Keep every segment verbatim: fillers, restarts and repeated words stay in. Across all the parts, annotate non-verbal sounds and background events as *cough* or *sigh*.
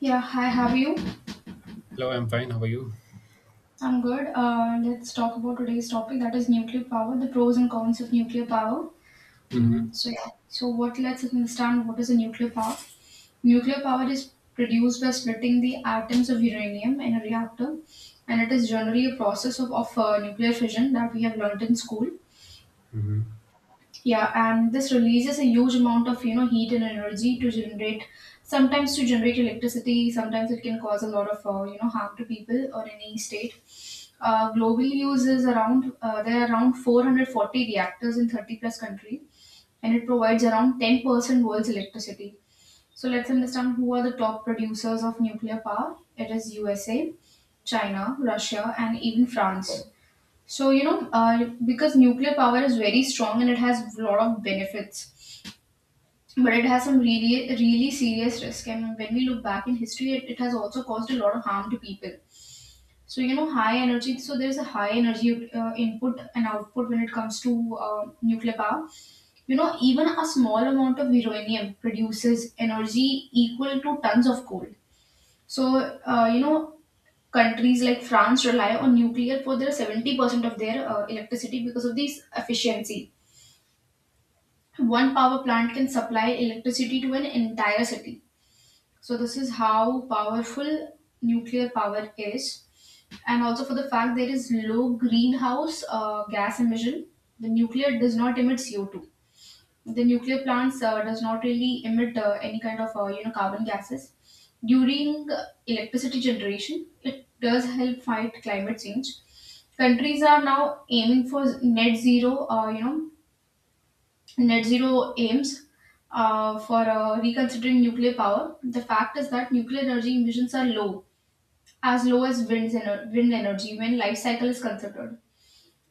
Yeah, hi, how are you? Hello, I'm fine. How are you? I'm good. Uh, let's talk about today's topic, that is nuclear power, the pros and cons of nuclear power. Mm-hmm. Mm, so, yeah, so what lets us understand what is a nuclear power? Nuclear power is produced by splitting the atoms of uranium in a reactor, and it is generally a process of, of uh, nuclear fission that we have learnt in school. Mm-hmm. Yeah, and this releases a huge amount of you know heat and energy to generate, sometimes to generate electricity. Sometimes it can cause a lot of uh, you know harm to people or any state. Uh, global use is around, uh, there are around four hundred forty reactors in thirty plus countries, and it provides around ten percent world's electricity. So let's understand who are the top producers of nuclear power. It is U S A, China, Russia, and even France. So you know, uh, because nuclear power is very strong and it has a lot of benefits. But it has some really, really serious risk. And when we look back in history, it, it has also caused a lot of harm to people. So you know high energy. So there's a high energy uh, input and output when it comes to uh, nuclear power. You know even a small amount of uranium produces energy equal to tons of coal. So uh, you know countries like France rely on nuclear for their seventy percent of their uh, electricity because of this efficiency. One power plant can supply electricity to an entire city. So this is how powerful nuclear power is, and also for the fact there is low greenhouse uh, gas emission. The nuclear does not emit C O two. The nuclear plants uh, does not really emit uh, any kind of uh, you know carbon gases. During uh, electricity generation, it does help fight climate change. Countries are now aiming for net zero. Uh, you know net zero aims uh, for uh, reconsidering nuclear power. The fact is that nuclear energy emissions are low, as low as wind's ener- wind energy when life cycle is considered.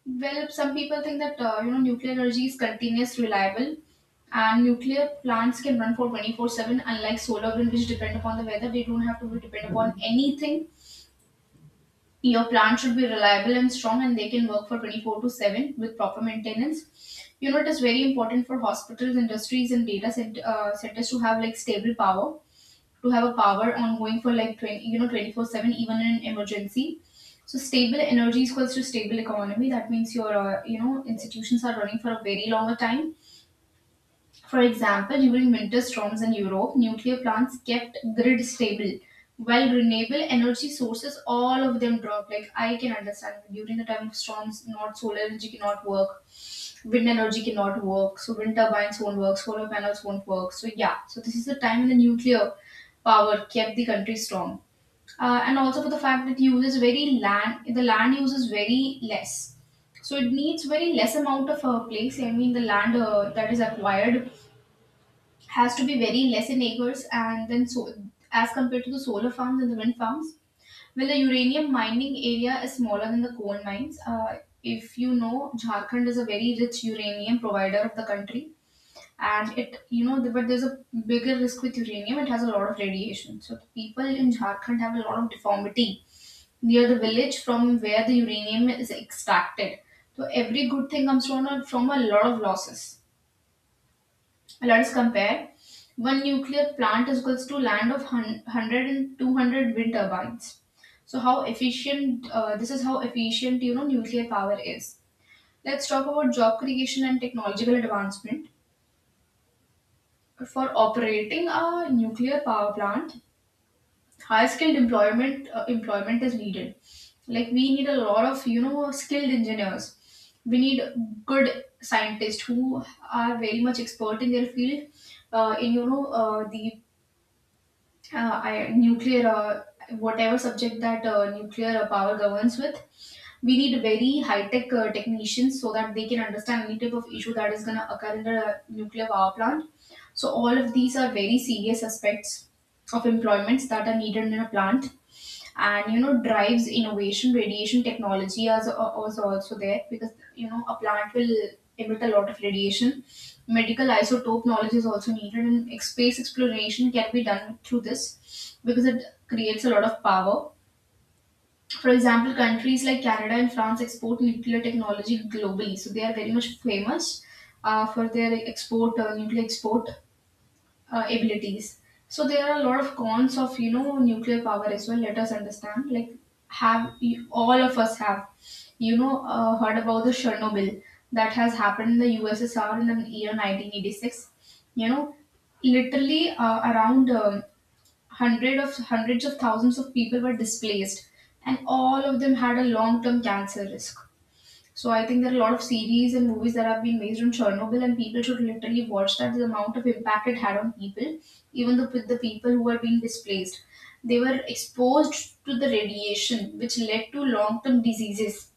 Well, some people think that uh, you know nuclear energy is continuous, reliable, and nuclear plants can run for twenty-four seven, unlike solar wind, which depend upon the weather. They don't have to be depend upon anything. Your plant should be reliable and strong, and they can work for twenty-four to seven with proper maintenance. You know, it is very important for hospitals, industries, and data cent- uh, centers to have like stable power, to have a power ongoing for like twenty, you know, twenty-four seven, even in an emergency. So stable energy is equals to stable economy. That means your, uh, you know, institutions are running for a very longer time. For example, during winter storms in Europe, nuclear plants kept grid stable, while renewable energy sources, all of them dropped. Like, I can understand during the time of storms, not solar energy cannot work, wind energy cannot work, so wind turbines won't work, solar panels won't work. So, yeah, so this is the time when the nuclear power kept the country strong. Uh, and also for the fact that uses very land, the land uses very less. So it needs very less amount of uh, place. I mean, the land uh, that is acquired has to be very less in acres and then so, as compared to the solar farms and the wind farms. Well, the uranium mining area is smaller than the coal mines. Uh, if you know, Jharkhand is a very rich uranium provider of the country. And it, you know but there's a bigger risk with uranium. It has a lot of radiation, so the people in Jharkhand have a lot of deformity near the village from where the uranium is extracted. So every good thing comes from a, from a lot of losses. Let's compare. One nuclear plant is equals to land of hun- one hundred wind turbines. So how efficient, uh, this is how efficient, you know, nuclear power is. Let's talk about job creation and technological advancement. For operating a nuclear power plant, high skilled employment uh, employment is needed. Like, we need a lot of you know skilled engineers. We need good scientists who are very much expert in their field. Uh, in you know uh, the uh, I, nuclear, uh, whatever subject that uh, nuclear power governs with, we need very high-tech uh, technicians so that they can understand any type of issue that is going to occur in the nuclear power plant. So all of these are very serious aspects of employments that are needed in a plant, and you know drives innovation. Radiation technology as was also there, because you know a plant will emit a lot of radiation. Medical isotope knowledge is also needed, and ex- space exploration can be done through this because it creates a lot of power. For example, countries like Canada and France export nuclear technology globally, so they are very much famous uh, for their export, uh, nuclear export uh, abilities. So there are a lot of cons of you know nuclear power as well. Let us understand. Like, have you- all of us have you know uh, heard about the Chernobyl that has happened in the U S S R in the year nineteen eighty-six. You know, literally uh, around um, hundred of hundreds of thousands of people were displaced, and all of them had a long term cancer risk. So I think there are a lot of series and movies that have been based on Chernobyl, and people should literally watch that. The amount of impact it had on people, even the with the people who were being displaced, they were exposed to the radiation, which led to long-term diseases.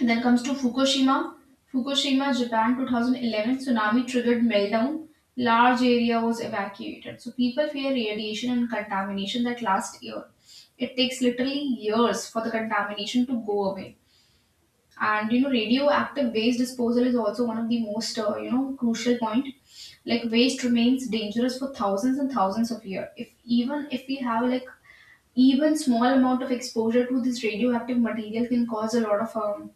And then comes to Fukushima. Fukushima, Japan, two thousand eleven tsunami triggered meltdown. Large area was evacuated. So people fear radiation and contamination that last year. It takes literally years for the contamination to go away. And you know radioactive waste disposal is also one of the most uh, you know crucial point. Like, waste remains dangerous for thousands and thousands of years. If, even if we have like even small amount of exposure to this radioactive material, can cause a lot of, um,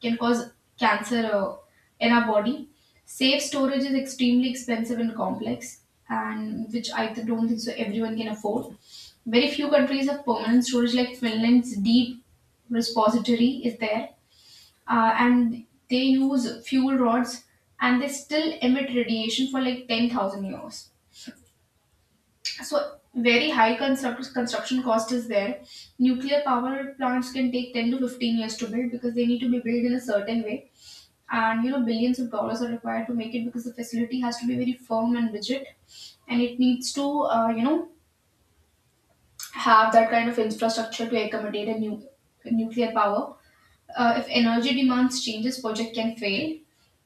can cause cancer uh, in our body. Safe storage is extremely expensive and complex, and which i th- don't think so everyone can afford. Very few countries have permanent storage, like Finland's deep repository is there, uh, and they use fuel rods, and they still emit radiation for like ten thousand years. So, very high construct- construction cost is there. Nuclear power plants can take ten to fifteen years to build, because they need to be built in a certain way. And you know, billions of dollars are required to make it, because the facility has to be very firm and rigid, and it needs to, uh, you know, have that kind of infrastructure to accommodate a new nuclear power. Uh, if energy demands changes, project can fail.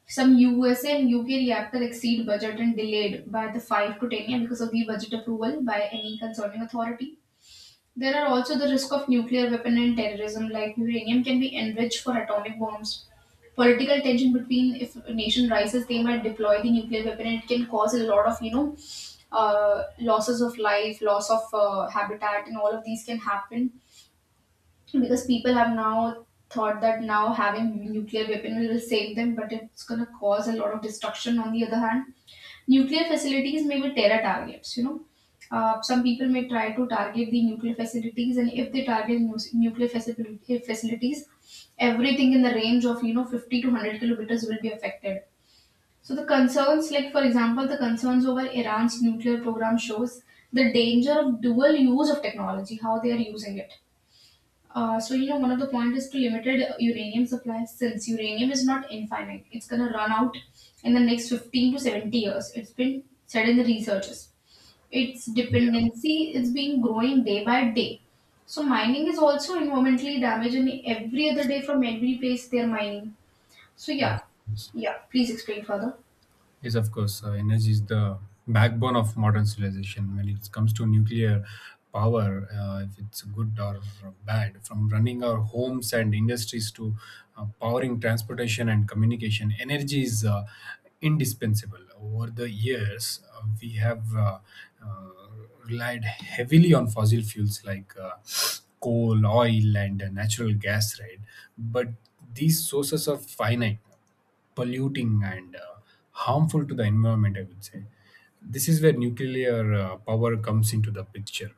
Some U S and U K reactor exceed budget and delayed by the five to ten years because of the budget approval by any concerning authority. There are also the risk of nuclear weapon and terrorism, like uranium can be enriched for atomic bombs. Political tension between, if a nation rises, they might deploy the nuclear weapon, and it can cause a lot of you know uh, losses of life, loss of uh, habitat, and all of these can happen because people have now thought that now having nuclear weapon will save them, but it's going to cause a lot of destruction. On the other hand, nuclear facilities may be terror targets. You know uh, some people may try to target the nuclear facilities, and if they target nu- nuclear facility, eh, facilities, everything in the range of you know fifty to one hundred kilometers will be affected. So the concerns, like, for example, the concerns over Iran's nuclear program shows the danger of dual use of technology, how they are using it. Uh, so you know, one of the point is to limited uranium supply, since uranium is not infinite. It's gonna run out in the next fifteen to seventy years. It's been said in the researches. Its Yeah. dependency is being growing day by day. So mining is also environmentally damaging, every other day from every place they're mining. So yeah, Yes. Yes. yeah. Please explain further. Yes, of course. Uh, energy is the backbone of modern civilization. When it comes to nuclear power, uh, if it's good or bad, from running our homes and industries to uh, powering transportation and communication, energy is uh, indispensable. Over the years, uh, we have uh, uh, relied heavily on fossil fuels like uh, coal, oil, and uh, natural gas, right? But these sources are finite polluting and uh, harmful to the environment, I would say. This is where nuclear uh, power comes into the picture.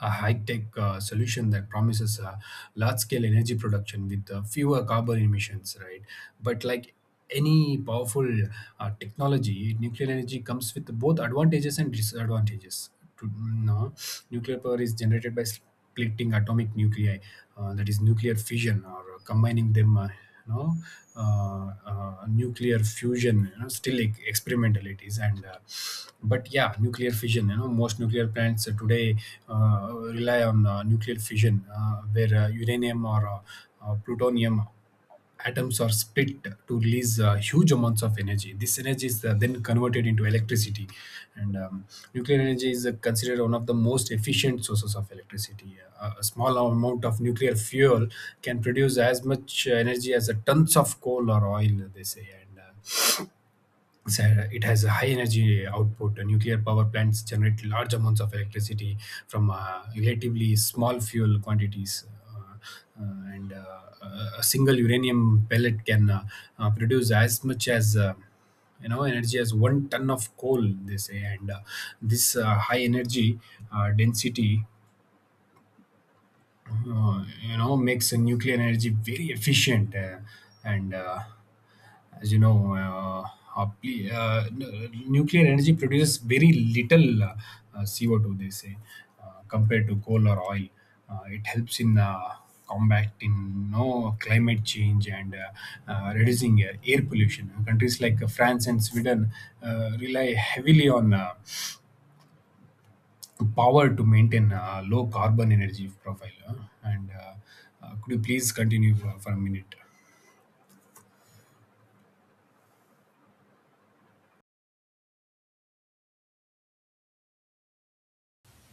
A high tech uh, solution that promises uh, large scale energy production with uh, fewer carbon emissions, right? But, like any powerful uh, technology, nuclear energy comes with both advantages and disadvantages. To, no, Nuclear power is generated by collecting atomic nuclei, uh, that is nuclear fission, or uh, combining them, uh, you know, uh, uh, nuclear fusion, you know, still e- experimental it is. And uh, but yeah, nuclear fission, you know, most nuclear plants uh, today uh, rely on uh, nuclear fission, uh, where uh, uranium or uh, uh, plutonium atoms are split to release uh, huge amounts of energy. This energy is uh, then converted into electricity, and um, nuclear energy is uh, considered one of the most efficient sources of electricity. Uh, a small amount of nuclear fuel can produce as much energy as uh, tons of coal or oil, they say, and uh, so it has a high energy output. Uh, Nuclear power plants generate large amounts of electricity from uh, relatively small fuel quantities. Uh, uh, and uh, a a single uranium pellet can uh, uh, produce as much as uh, you know energy as one ton of coal. They say, and uh, this uh, high energy uh, density uh, you know makes uh, nuclear energy very efficient uh, and uh, as you know uh, uh, ple- uh, n- nuclear energy produces very little uh, uh, c o two they say uh, compared to coal or oil. Uh, it helps in uh, combating no climate change and uh, uh, reducing uh, air pollution. Countries like uh, France and Sweden uh, rely heavily on uh, power to maintain a low carbon energy profile. Uh, and uh, uh, Could you please continue for, for a minute?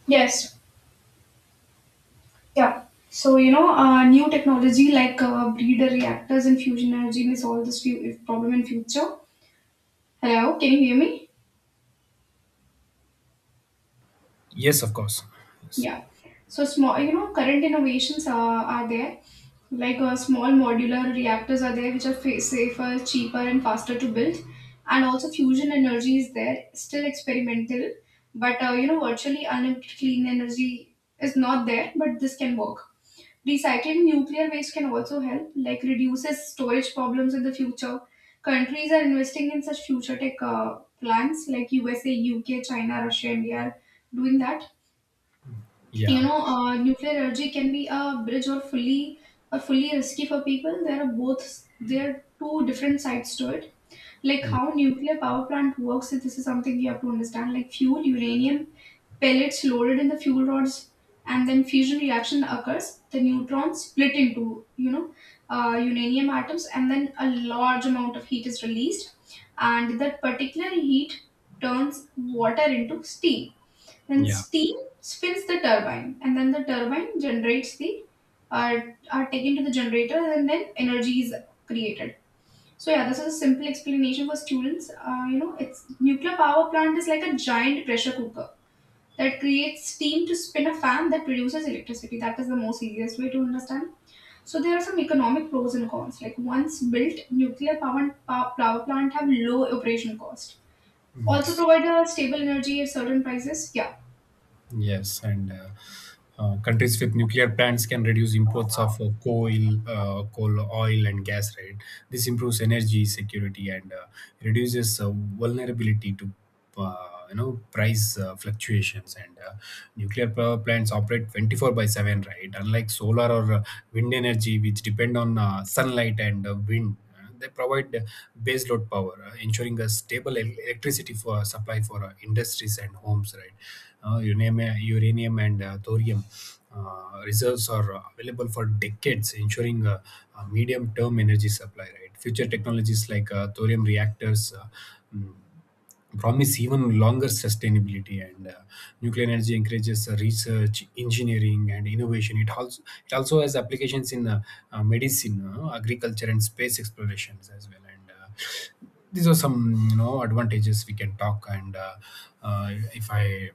Yes, yeah. So, you know, uh, new technology like uh, breeder reactors and fusion energy may solve this few- problem in future. Hello, can you hear me? Yes, of course. Yes. Yeah. So small, you know, current innovations are, are there. Like uh, small modular reactors are there, which are fa- safer, cheaper, and faster to build. And also fusion energy is there, still experimental, but uh, you know, virtually unlimited clean energy is not there. But this can work. Recycling nuclear waste can also help, like reduces storage problems in the future. Countries are investing in such future tech uh, plants, like U S A, U K, China, Russia, India, are doing that you Yeah. know uh, Nuclear energy can be a bridge or fully or fully risky for people. There are both there are two different sides to it. Like how Yes. nuclear power plant works, this is something you have to understand. Like fuel uranium pellets loaded in the fuel rods, and then fusion reaction occurs, the neutrons split into you know uh, uranium atoms, and then a large amount of heat is released, and that particular heat turns water into steam. Then Yeah. steam spins the turbine, and then the turbine generates the, are are taken to the generator, and then energy is created. So yeah, this is a simple explanation for students. Uh, you know, it's Nuclear power plant is like a giant pressure cooker that creates steam to spin a fan that produces electricity. That is the most easiest way to understand. So there are some economic pros and cons. Like once built, nuclear power pow- power plant have low operation cost. Also Yes. provide a stable energy at certain prices. Yeah. Yes, and uh, uh, countries with nuclear plants can reduce imports of uh, coal, uh, coal, oil, and gas. Right, this improves energy security and uh, reduces uh, vulnerability to uh, you know price uh, fluctuations. And uh, Nuclear power plants operate twenty four by seven. Right, unlike solar or uh, wind energy, which depend on uh, sunlight and uh, wind. Uh, They provide uh, baseload power, uh, ensuring a stable el- electricity for uh, supply for uh, industries and homes. Right, uh, uranium, uh, uranium and uh, thorium uh, reserves are uh, available for decades, ensuring uh, a medium-term energy supply. Right, future technologies like uh, thorium reactors. Uh, mm, Promise even longer sustainability, and uh, nuclear energy encourages uh, research engineering and innovation. It also it also has applications in uh, uh, medicine, uh, agriculture, and space explorations as well. And uh, These are some you know advantages we can talk and uh, uh, if I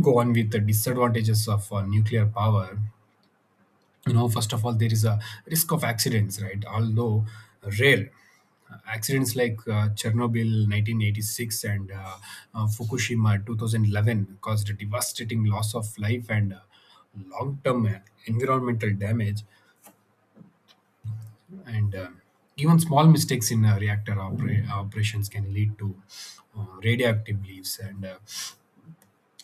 go on with the disadvantages of uh, nuclear power, you know, first of all, there is a risk of accidents, right? Although rare. Uh, accidents like uh, Chernobyl nineteen eighty-six and uh, uh, Fukushima two thousand eleven caused a devastating loss of life and uh, long-term uh, environmental damage, and uh, even small mistakes in uh, reactor opera- operations can lead to uh, radioactive leaves. And uh,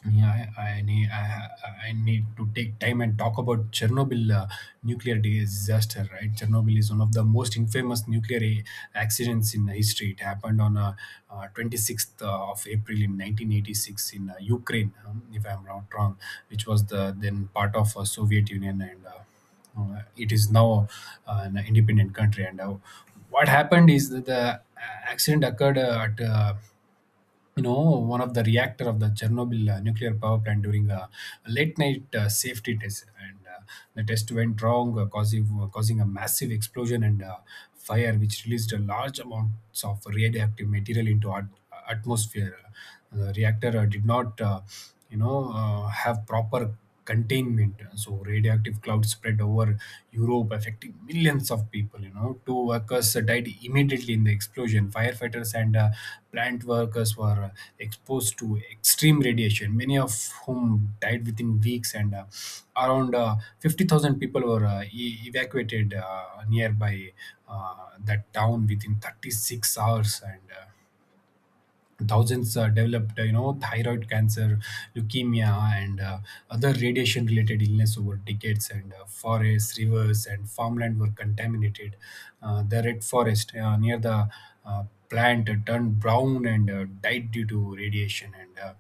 Yeah, I, I need I, I need to take time and talk about Chernobyl, uh, nuclear disaster. Right, Chernobyl is one of the most infamous nuclear a- accidents in history. It happened on uh, uh, twenty-sixth of April in nineteen eighty-six in uh, Ukraine, um, if I'm not wrong, which was the then part of uh, Soviet Union, and uh, uh, it is now uh, an independent country. And uh, What happened is that the uh, accident occurred uh, at uh, you know one of the reactor of the Chernobyl uh, nuclear power plant during a late night uh, safety test, and uh, the test went wrong, uh, causing uh, causing a massive explosion and uh, fire which released a large amounts of radioactive material into at- atmosphere. The reactor uh, did not uh, you know uh, have proper containment, so radioactive cloud spread over Europe affecting millions of people. You know, two workers died immediately in the explosion. Firefighters and uh, plant workers were uh, exposed to extreme radiation, many of whom died within weeks, and uh, around uh, fifty thousand people were uh, e- evacuated uh, nearby uh, that town within thirty-six hours, and uh, thousands uh, developed uh, you know thyroid cancer, leukemia, and uh, other radiation related illness over decades. And uh, Forests, rivers, and farmland were contaminated. Uh, the red forest uh, near the uh, plant turned brown and uh, died due to radiation. and uh,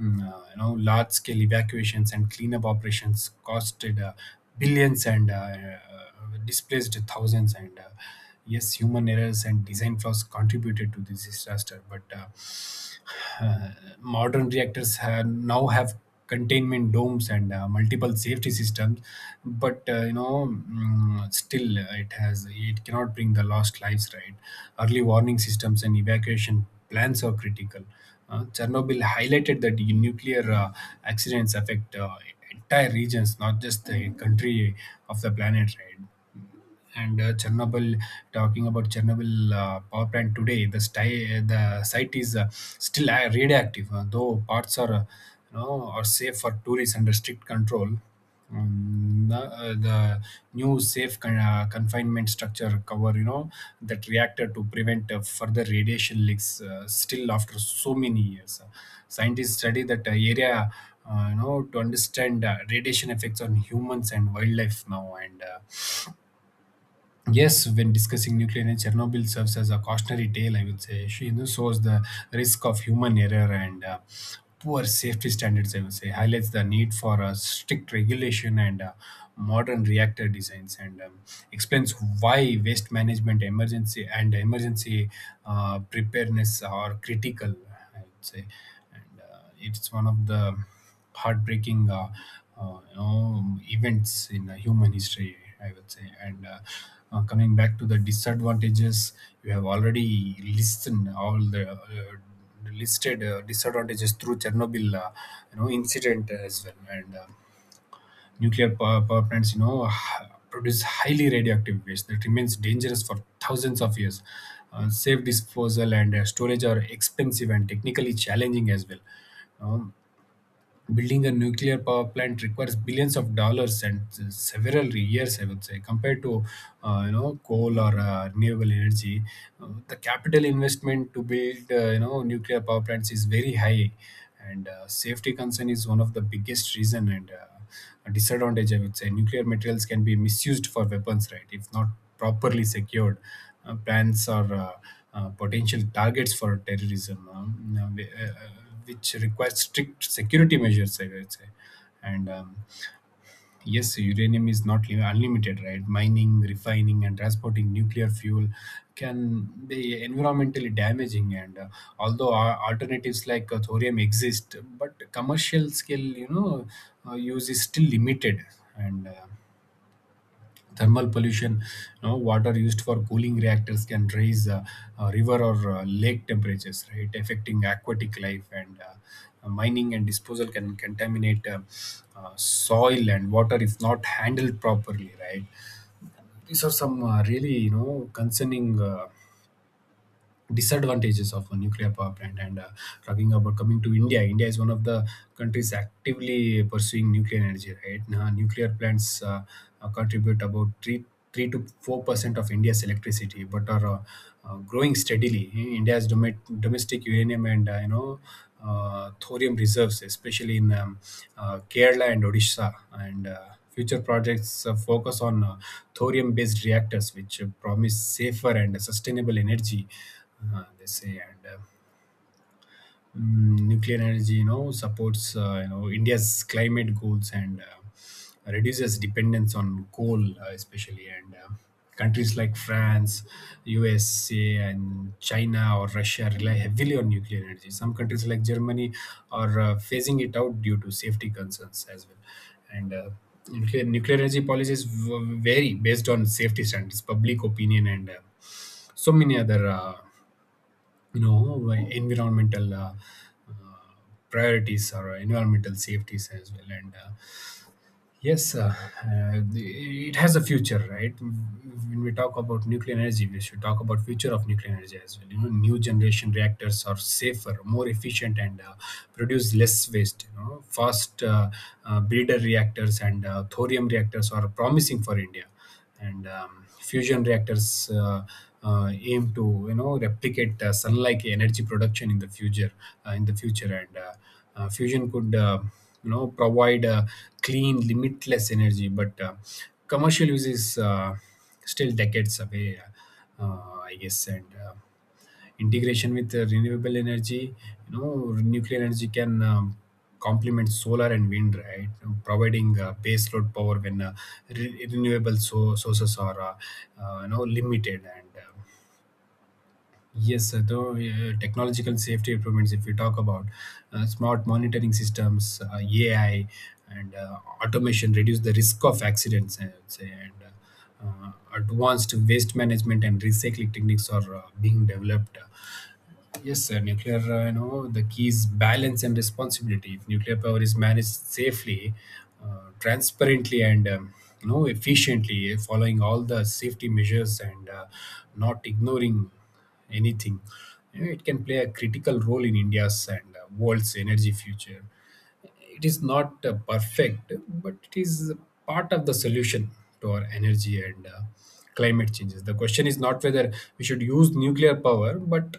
mm, uh, You know, large scale evacuations and cleanup operations costed uh, billions and uh, uh, displaced thousands. And uh, Yes, human errors and design flaws contributed to this disaster, but uh, uh, modern reactors have, now have containment domes and uh, multiple safety systems, but uh, you know, mm, still uh, it has it cannot bring the lost lives, right? Early warning systems and evacuation plans are critical. uh, Chernobyl highlighted that nuclear uh, accidents affect uh, entire regions, not just the country of the planet, right? and uh, Chernobyl. Talking about Chernobyl uh, power plant today, the sti- the site is uh, still uh, radioactive, uh, though parts are uh, you know are safe for tourists under strict control. Um, the, uh, the new safe con- uh, confinement structure cover, you know, that reactor to prevent uh, further radiation leaks. Uh, still, after so many years, scientists study that uh, area uh, you know to understand uh, radiation effects on humans and wildlife now. And uh, Yes, when discussing nuclear energy, Chernobyl serves as a cautionary tale, I would say. She You know, shows the risk of human error and uh, poor safety standards, I would say, highlights the need for uh, strict regulation and uh, modern reactor designs, and um, explains why waste management, emergency, and emergency uh, preparedness are critical, I would say. Uh, it's one of the heartbreaking uh, uh, you know events in uh, human history, I would say. And uh, uh, Coming back to the disadvantages, you have already listened all the uh, listed uh, disadvantages through Chernobyl uh, you know incident as well. And uh, Nuclear power, power plants, you know, h- produce highly radioactive waste that remains dangerous for thousands of years. Uh, safe disposal and uh, storage are expensive and technically challenging as well. Um, building a nuclear power plant requires billions of dollars and uh, several years, I would say, compared to uh, you know coal or uh, renewable energy. Uh, the capital investment to build uh, you know nuclear power plants is very high, and uh, safety concern is one of the biggest reason and. Uh, disadvantage, I would say. Nuclear materials can be misused for weapons, right? If not properly secured, uh, plants are uh, uh, potential targets for terrorism, um, uh, whi- uh, uh, which requires strict security measures, I would say. And um, Yes, uranium is not li- unlimited, right? Mining, refining, and transporting nuclear fuel can be environmentally damaging. And uh, Although uh, alternatives like uh, thorium exist, but commercial scale, you know, uh, use is still limited. And uh, Thermal pollution, you know, water used for cooling reactors can raise uh, uh, river or uh, lake temperatures, right, affecting aquatic life, and uh, uh, mining and disposal can contaminate uh, uh, soil and water if not handled properly, right? These are some uh, really you know concerning uh, disadvantages of a nuclear power plant. And uh, Talking about coming to India, India is one of the countries actively pursuing nuclear energy right now. Nuclear plants uh, uh, contribute about 3 3 to four percent of India's electricity but are uh, uh, growing steadily. India's domet domestic uranium and uh, you know uh, thorium reserves especially in um, uh, Kerala and Odisha. And uh, Future projects uh, focus on uh, thorium based reactors, which uh, promise safer and sustainable energy, uh, they say. And uh, Mm, nuclear energy you know supports uh, you know india's climate goals and uh, reduces dependence on coal, uh, especially. And uh, Countries like france, usa, and china or russia rely heavily on nuclear energy. Some countries like germany are uh, phasing it out due to safety concerns as well. And uh, nuclear, nuclear energy policies v- vary based on safety standards, public opinion, and uh, so many other uh, you know why environmental uh, uh, priorities or environmental safeties as well. And uh, yes uh, uh, the- it has a future, right? When we talk about nuclear energy, we should talk about future of nuclear energy as well. You know, new generation reactors are safer, more efficient, and uh, produce less waste. You know, fast uh, uh, breeder reactors and uh, thorium reactors are promising for india, and um, fusion reactors uh, uh, aim to, you know, replicate uh, sun-like energy production in the future, uh, in the future. And uh, uh, fusion could, uh, you know, provide uh, clean, limitless energy, but uh, commercial use is uh, still decades away, uh, I guess. And uh, Integration with uh, renewable energy, you know, nuclear energy can, um, complement solar and wind, right? Providing uh, base load power when uh, re- renewable so- sources are, uh, uh, you know, limited. And. Uh, Yes, uh, though uh, technological safety improvements, if we talk about uh, smart monitoring systems, uh, A I, and uh, automation reduce the risk of accidents, I would say. And uh, uh, advanced waste management and recycling techniques are uh, being developed. uh, Yes, sir. Nuclear, uh, you know, the key is balance and responsibility. If nuclear power is managed safely, uh, transparently, and um, you know, efficiently, eh, following all the safety measures and uh, not ignoring anything, you know, it can play a critical role in India's and uh, world's energy future. It is not uh, perfect, but it is part of the solution to our energy and uh, climate changes. The question is not whether we should use nuclear power, but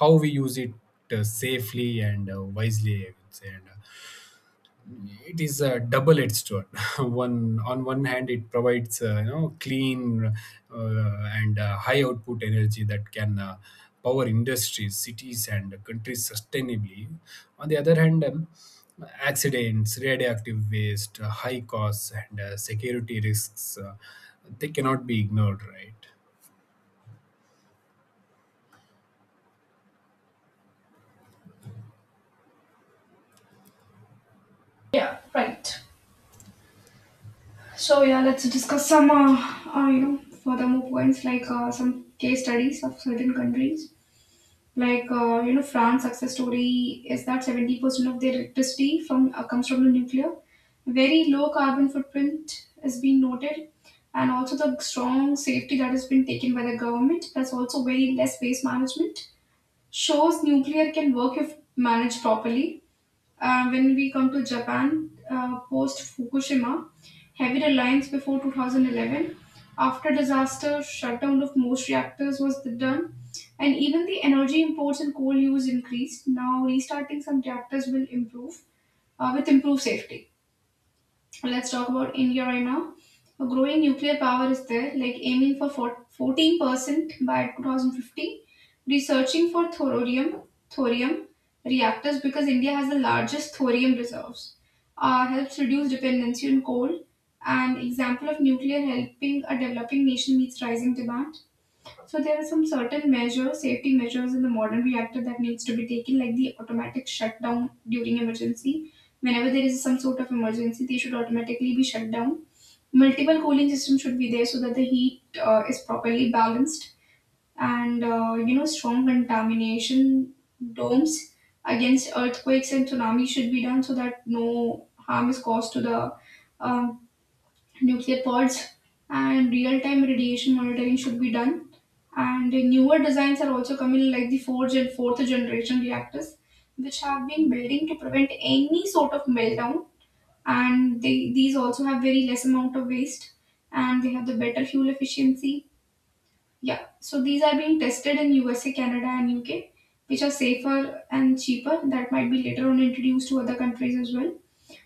how we use it, uh, safely and uh, wisely, I would say. And uh, It is a double-edged sword. *laughs* One on one hand, it provides, uh, you know, clean uh, and uh, high output energy that can uh, power industries, cities, and countries sustainably. On the other hand, um, accidents, radioactive waste, uh, high costs, and uh, security risks, uh, they cannot be ignored, right? Yeah, right. So yeah, let's discuss some uh, uh, you know further more points, like uh, some case studies of certain countries. Like uh, you know, France success story is that seventy percent of their electricity from uh, comes from the nuclear. Very low carbon footprint has been noted, and also the strong safety that has been taken by the government. That's also very less waste management. Shows nuclear can work if managed properly. Uh, when we come to Japan, uh, post Fukushima, heavy reliance before two thousand eleven, after disaster, shutdown of most reactors was done, and even the energy imports and coal use increased. Now, restarting some reactors will improve uh, with improved safety. Let's talk about India right now. A growing nuclear power is there, like aiming for four- fourteen percent by two thousand fifty, researching for thorium, thorium reactors because India has the largest thorium reserves, uh, helps reduce dependency on coal. An example of nuclear helping a developing nation meets rising demand. So there are some certain measures, safety measures in the modern reactor that needs to be taken, like the automatic shutdown during emergency. Whenever there is some sort of emergency, they should automatically be shut down. Multiple cooling systems should be there so that the heat uh, is properly balanced, and uh, you know strong contamination domes against earthquakes and tsunamis should be done so that no harm is caused to the um, nuclear pods, and real-time radiation monitoring should be done. And newer designs are also coming, like the fourth and fourth generation reactors, which have been building to prevent any sort of meltdown. And they these also have very less amount of waste, and they have the better fuel efficiency. Yeah, so these are being tested in U S A, Canada, and U K, which are safer and cheaper. That might be later on introduced to other countries as well.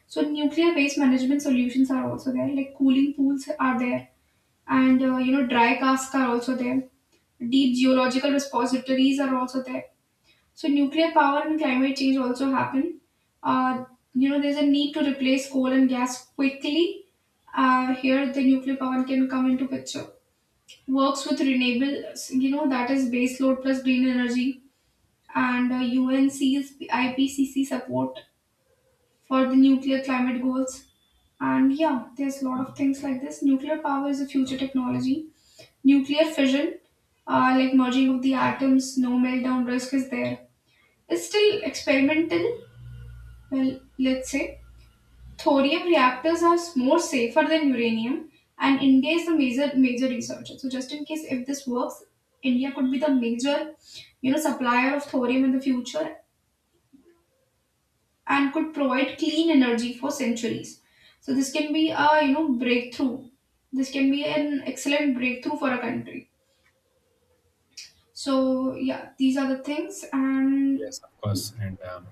So nuclear waste management solutions are also there, like cooling pools are there, and uh, you know dry casks are also there. Deep geological repositories are also there. So nuclear power and climate change also happen. uh, you know, there's a need to replace coal and gas quickly. Uh, here the nuclear power can come into picture. Works with renewables, you know, that is base load plus green energy. And uh, U N C's I P C C support for the nuclear climate goals. And yeah, there's a lot of things like this. Nuclear power is a future technology. Nuclear fission, uh, like merging of the atoms, no meltdown risk is there. It's still experimental, well, let's say. Thorium reactors are more safer than uranium, and India is the major major researcher. So just in case if this works, India could be the major, you know, supplier of thorium in the future and could provide clean energy for centuries. So this can be a you know breakthrough. This can be an excellent breakthrough for a country. So yeah, these are the things, and Yes, of course. And. Um,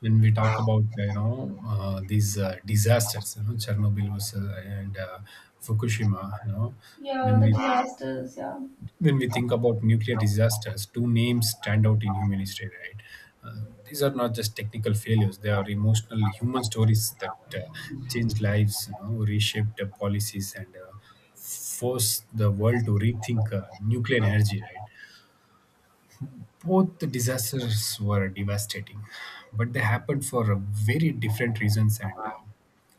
When we talk about, you know, uh, these uh, disasters, you know, chernobyl was uh, and uh, fukushima, you know, Yeah, when the we disasters. Yeah, when we think about nuclear disasters, two names stand out in human history, right? uh, these are not just technical failures, they are emotional human stories that uh, changed lives, you know, reshaped uh, policies and uh, forced the world to rethink uh, nuclear energy, right? Both the disasters were devastating, but they happened for uh, very different reasons and um,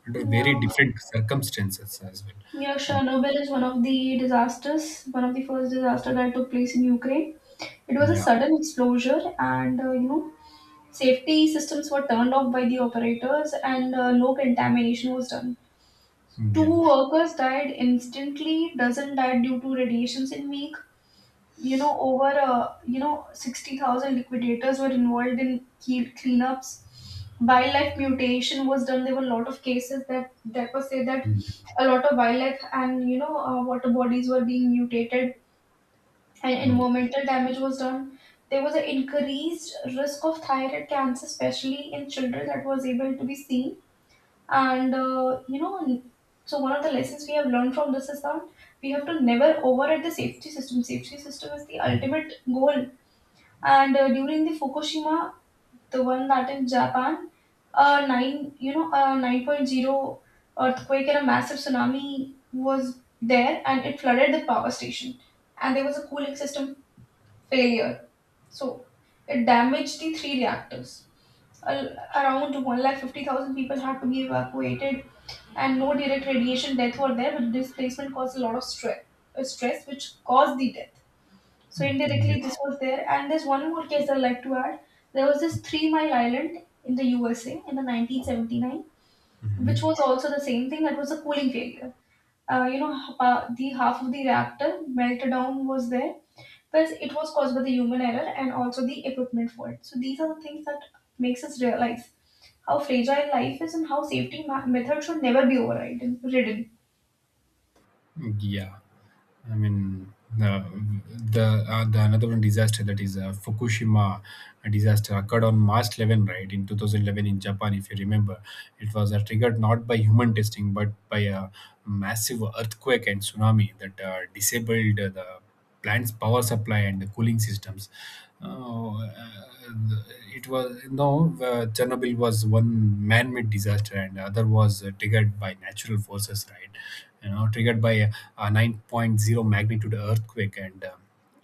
under very yeah, different circumstances as well. yeah. Um, Chernobyl is one of the disasters, one of the first disaster that took place in Ukraine. It was a yeah. sudden explosion, and uh, you know, safety systems were turned off by the operators, and uh, no contamination was done. Yeah. Two workers died instantly. Dozen died due to radiations in week. You know over uh, you know sixty thousand liquidators were involved in key cleanups. Wildlife mutation was done. There were a lot of cases that that was said that Mm. a lot of wildlife and you know uh, water bodies were being mutated, and Mm, yes. environmental damage was done. There was an increased risk of thyroid cancer, especially in children, that was able to be seen. and uh, you know, so one of the lessons we have learned from this is that we have to never override the safety system. Safety system is the ultimate goal. And uh, during the Fukushima, the one that in Japan, a nine you know a nine point zero earthquake and a massive tsunami was there, and it flooded the power station, and there was a cooling system failure. So it damaged the three reactors. Al- around one lakh fifty thousand people had to be evacuated, and no direct radiation death were there, but displacement caused a lot of stress, uh, stress which caused the death. So Mm, indirectly, yes. this was there. And there's one more case I'd like to add. There was this Three Mile Island in the U S A in the nineteen seventy-nine, which was also the same thing, that was a cooling failure. Uh, you know, h- uh, the half of the reactor meltdown was there. But it was caused by the human error and also the equipment fault. So these are the things that makes us realize how fragile life is and how safety ma- methods should never be overridden. Ridden. Mm, yeah. I mean, the the uh, the another one disaster that is uh, Fukushima disaster occurred on March eleventh, right, in twenty eleven in Japan. If you remember, it was uh, triggered not by human testing but by a massive earthquake and tsunami that uh, disabled uh, the plant's power supply and the cooling systems. Uh, uh, it was no uh, Chernobyl was one man-made disaster, and the other was uh, triggered by natural forces, right? You know, triggered by a, a 9.0 magnitude earthquake and um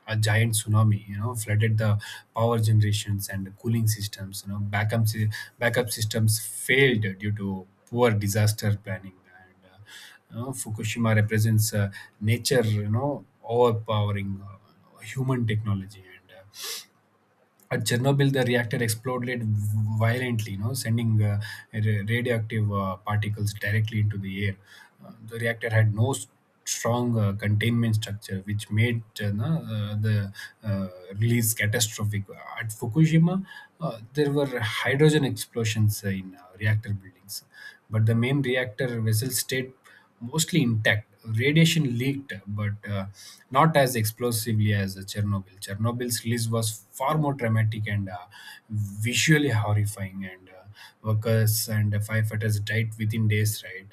a giant tsunami. You know, flooded the power generations and the cooling systems. You know, backup sy- backup systems failed due to poor disaster planning. And, uh, you Fukushima represents, uh, nature, you know, overpowering uh, human technology. And uh, At Chernobyl, the reactor exploded violently, you know, sending uh, ra- radioactive uh, particles directly into the air. Uh, the reactor had no s- strong uh, containment structure, which made uh, na- uh, the uh, release catastrophic. At Fukushima, uh, there were hydrogen explosions uh, in uh, reactor buildings, but the main reactor vessel stayed mostly intact. Radiation leaked, but uh, not as explosively as Chernobyl. Chernobyl's release was far more dramatic and uh, visually horrifying, and uh, workers and firefighters died within days. Right,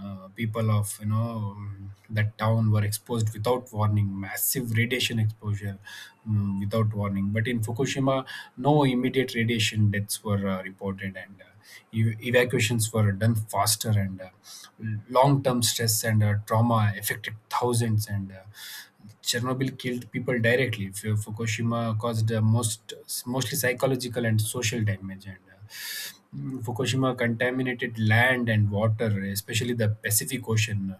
uh, people of, you know, um, that town were exposed without warning, massive radiation exposure, mm, without warning. But in Fukushima, no immediate radiation deaths were uh, reported, and uh, ev- evacuations were done faster. And uh, Long-term stress and uh, trauma affected thousands. And uh, Chernobyl killed people directly. Fu- Fukushima caused uh, most mostly psychological and social damage, and uh, mm, Fukushima contaminated land and water, especially the Pacific Ocean,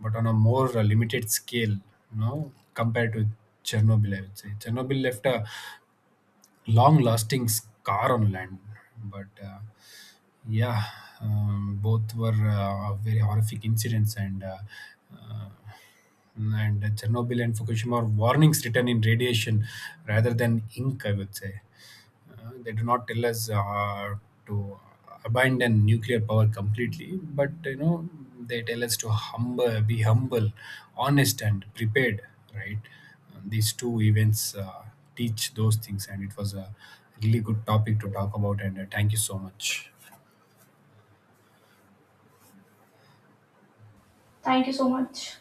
but on a more uh, limited scale, you know, compared to Chernobyl. I would say Chernobyl left a long-lasting scar on land, but uh, yeah, um, both were uh, very horrific incidents. And. Uh, uh, and Chernobyl and Fukushima are warnings written in radiation rather than ink, I would say. Uh, they do not tell us uh, to abandon nuclear power completely, but you know they tell us to humble, be humble, honest, and prepared. Right? Uh, these two events uh, teach those things, and it was a really good topic to talk about. And uh, Thank you so much. Thank you so much.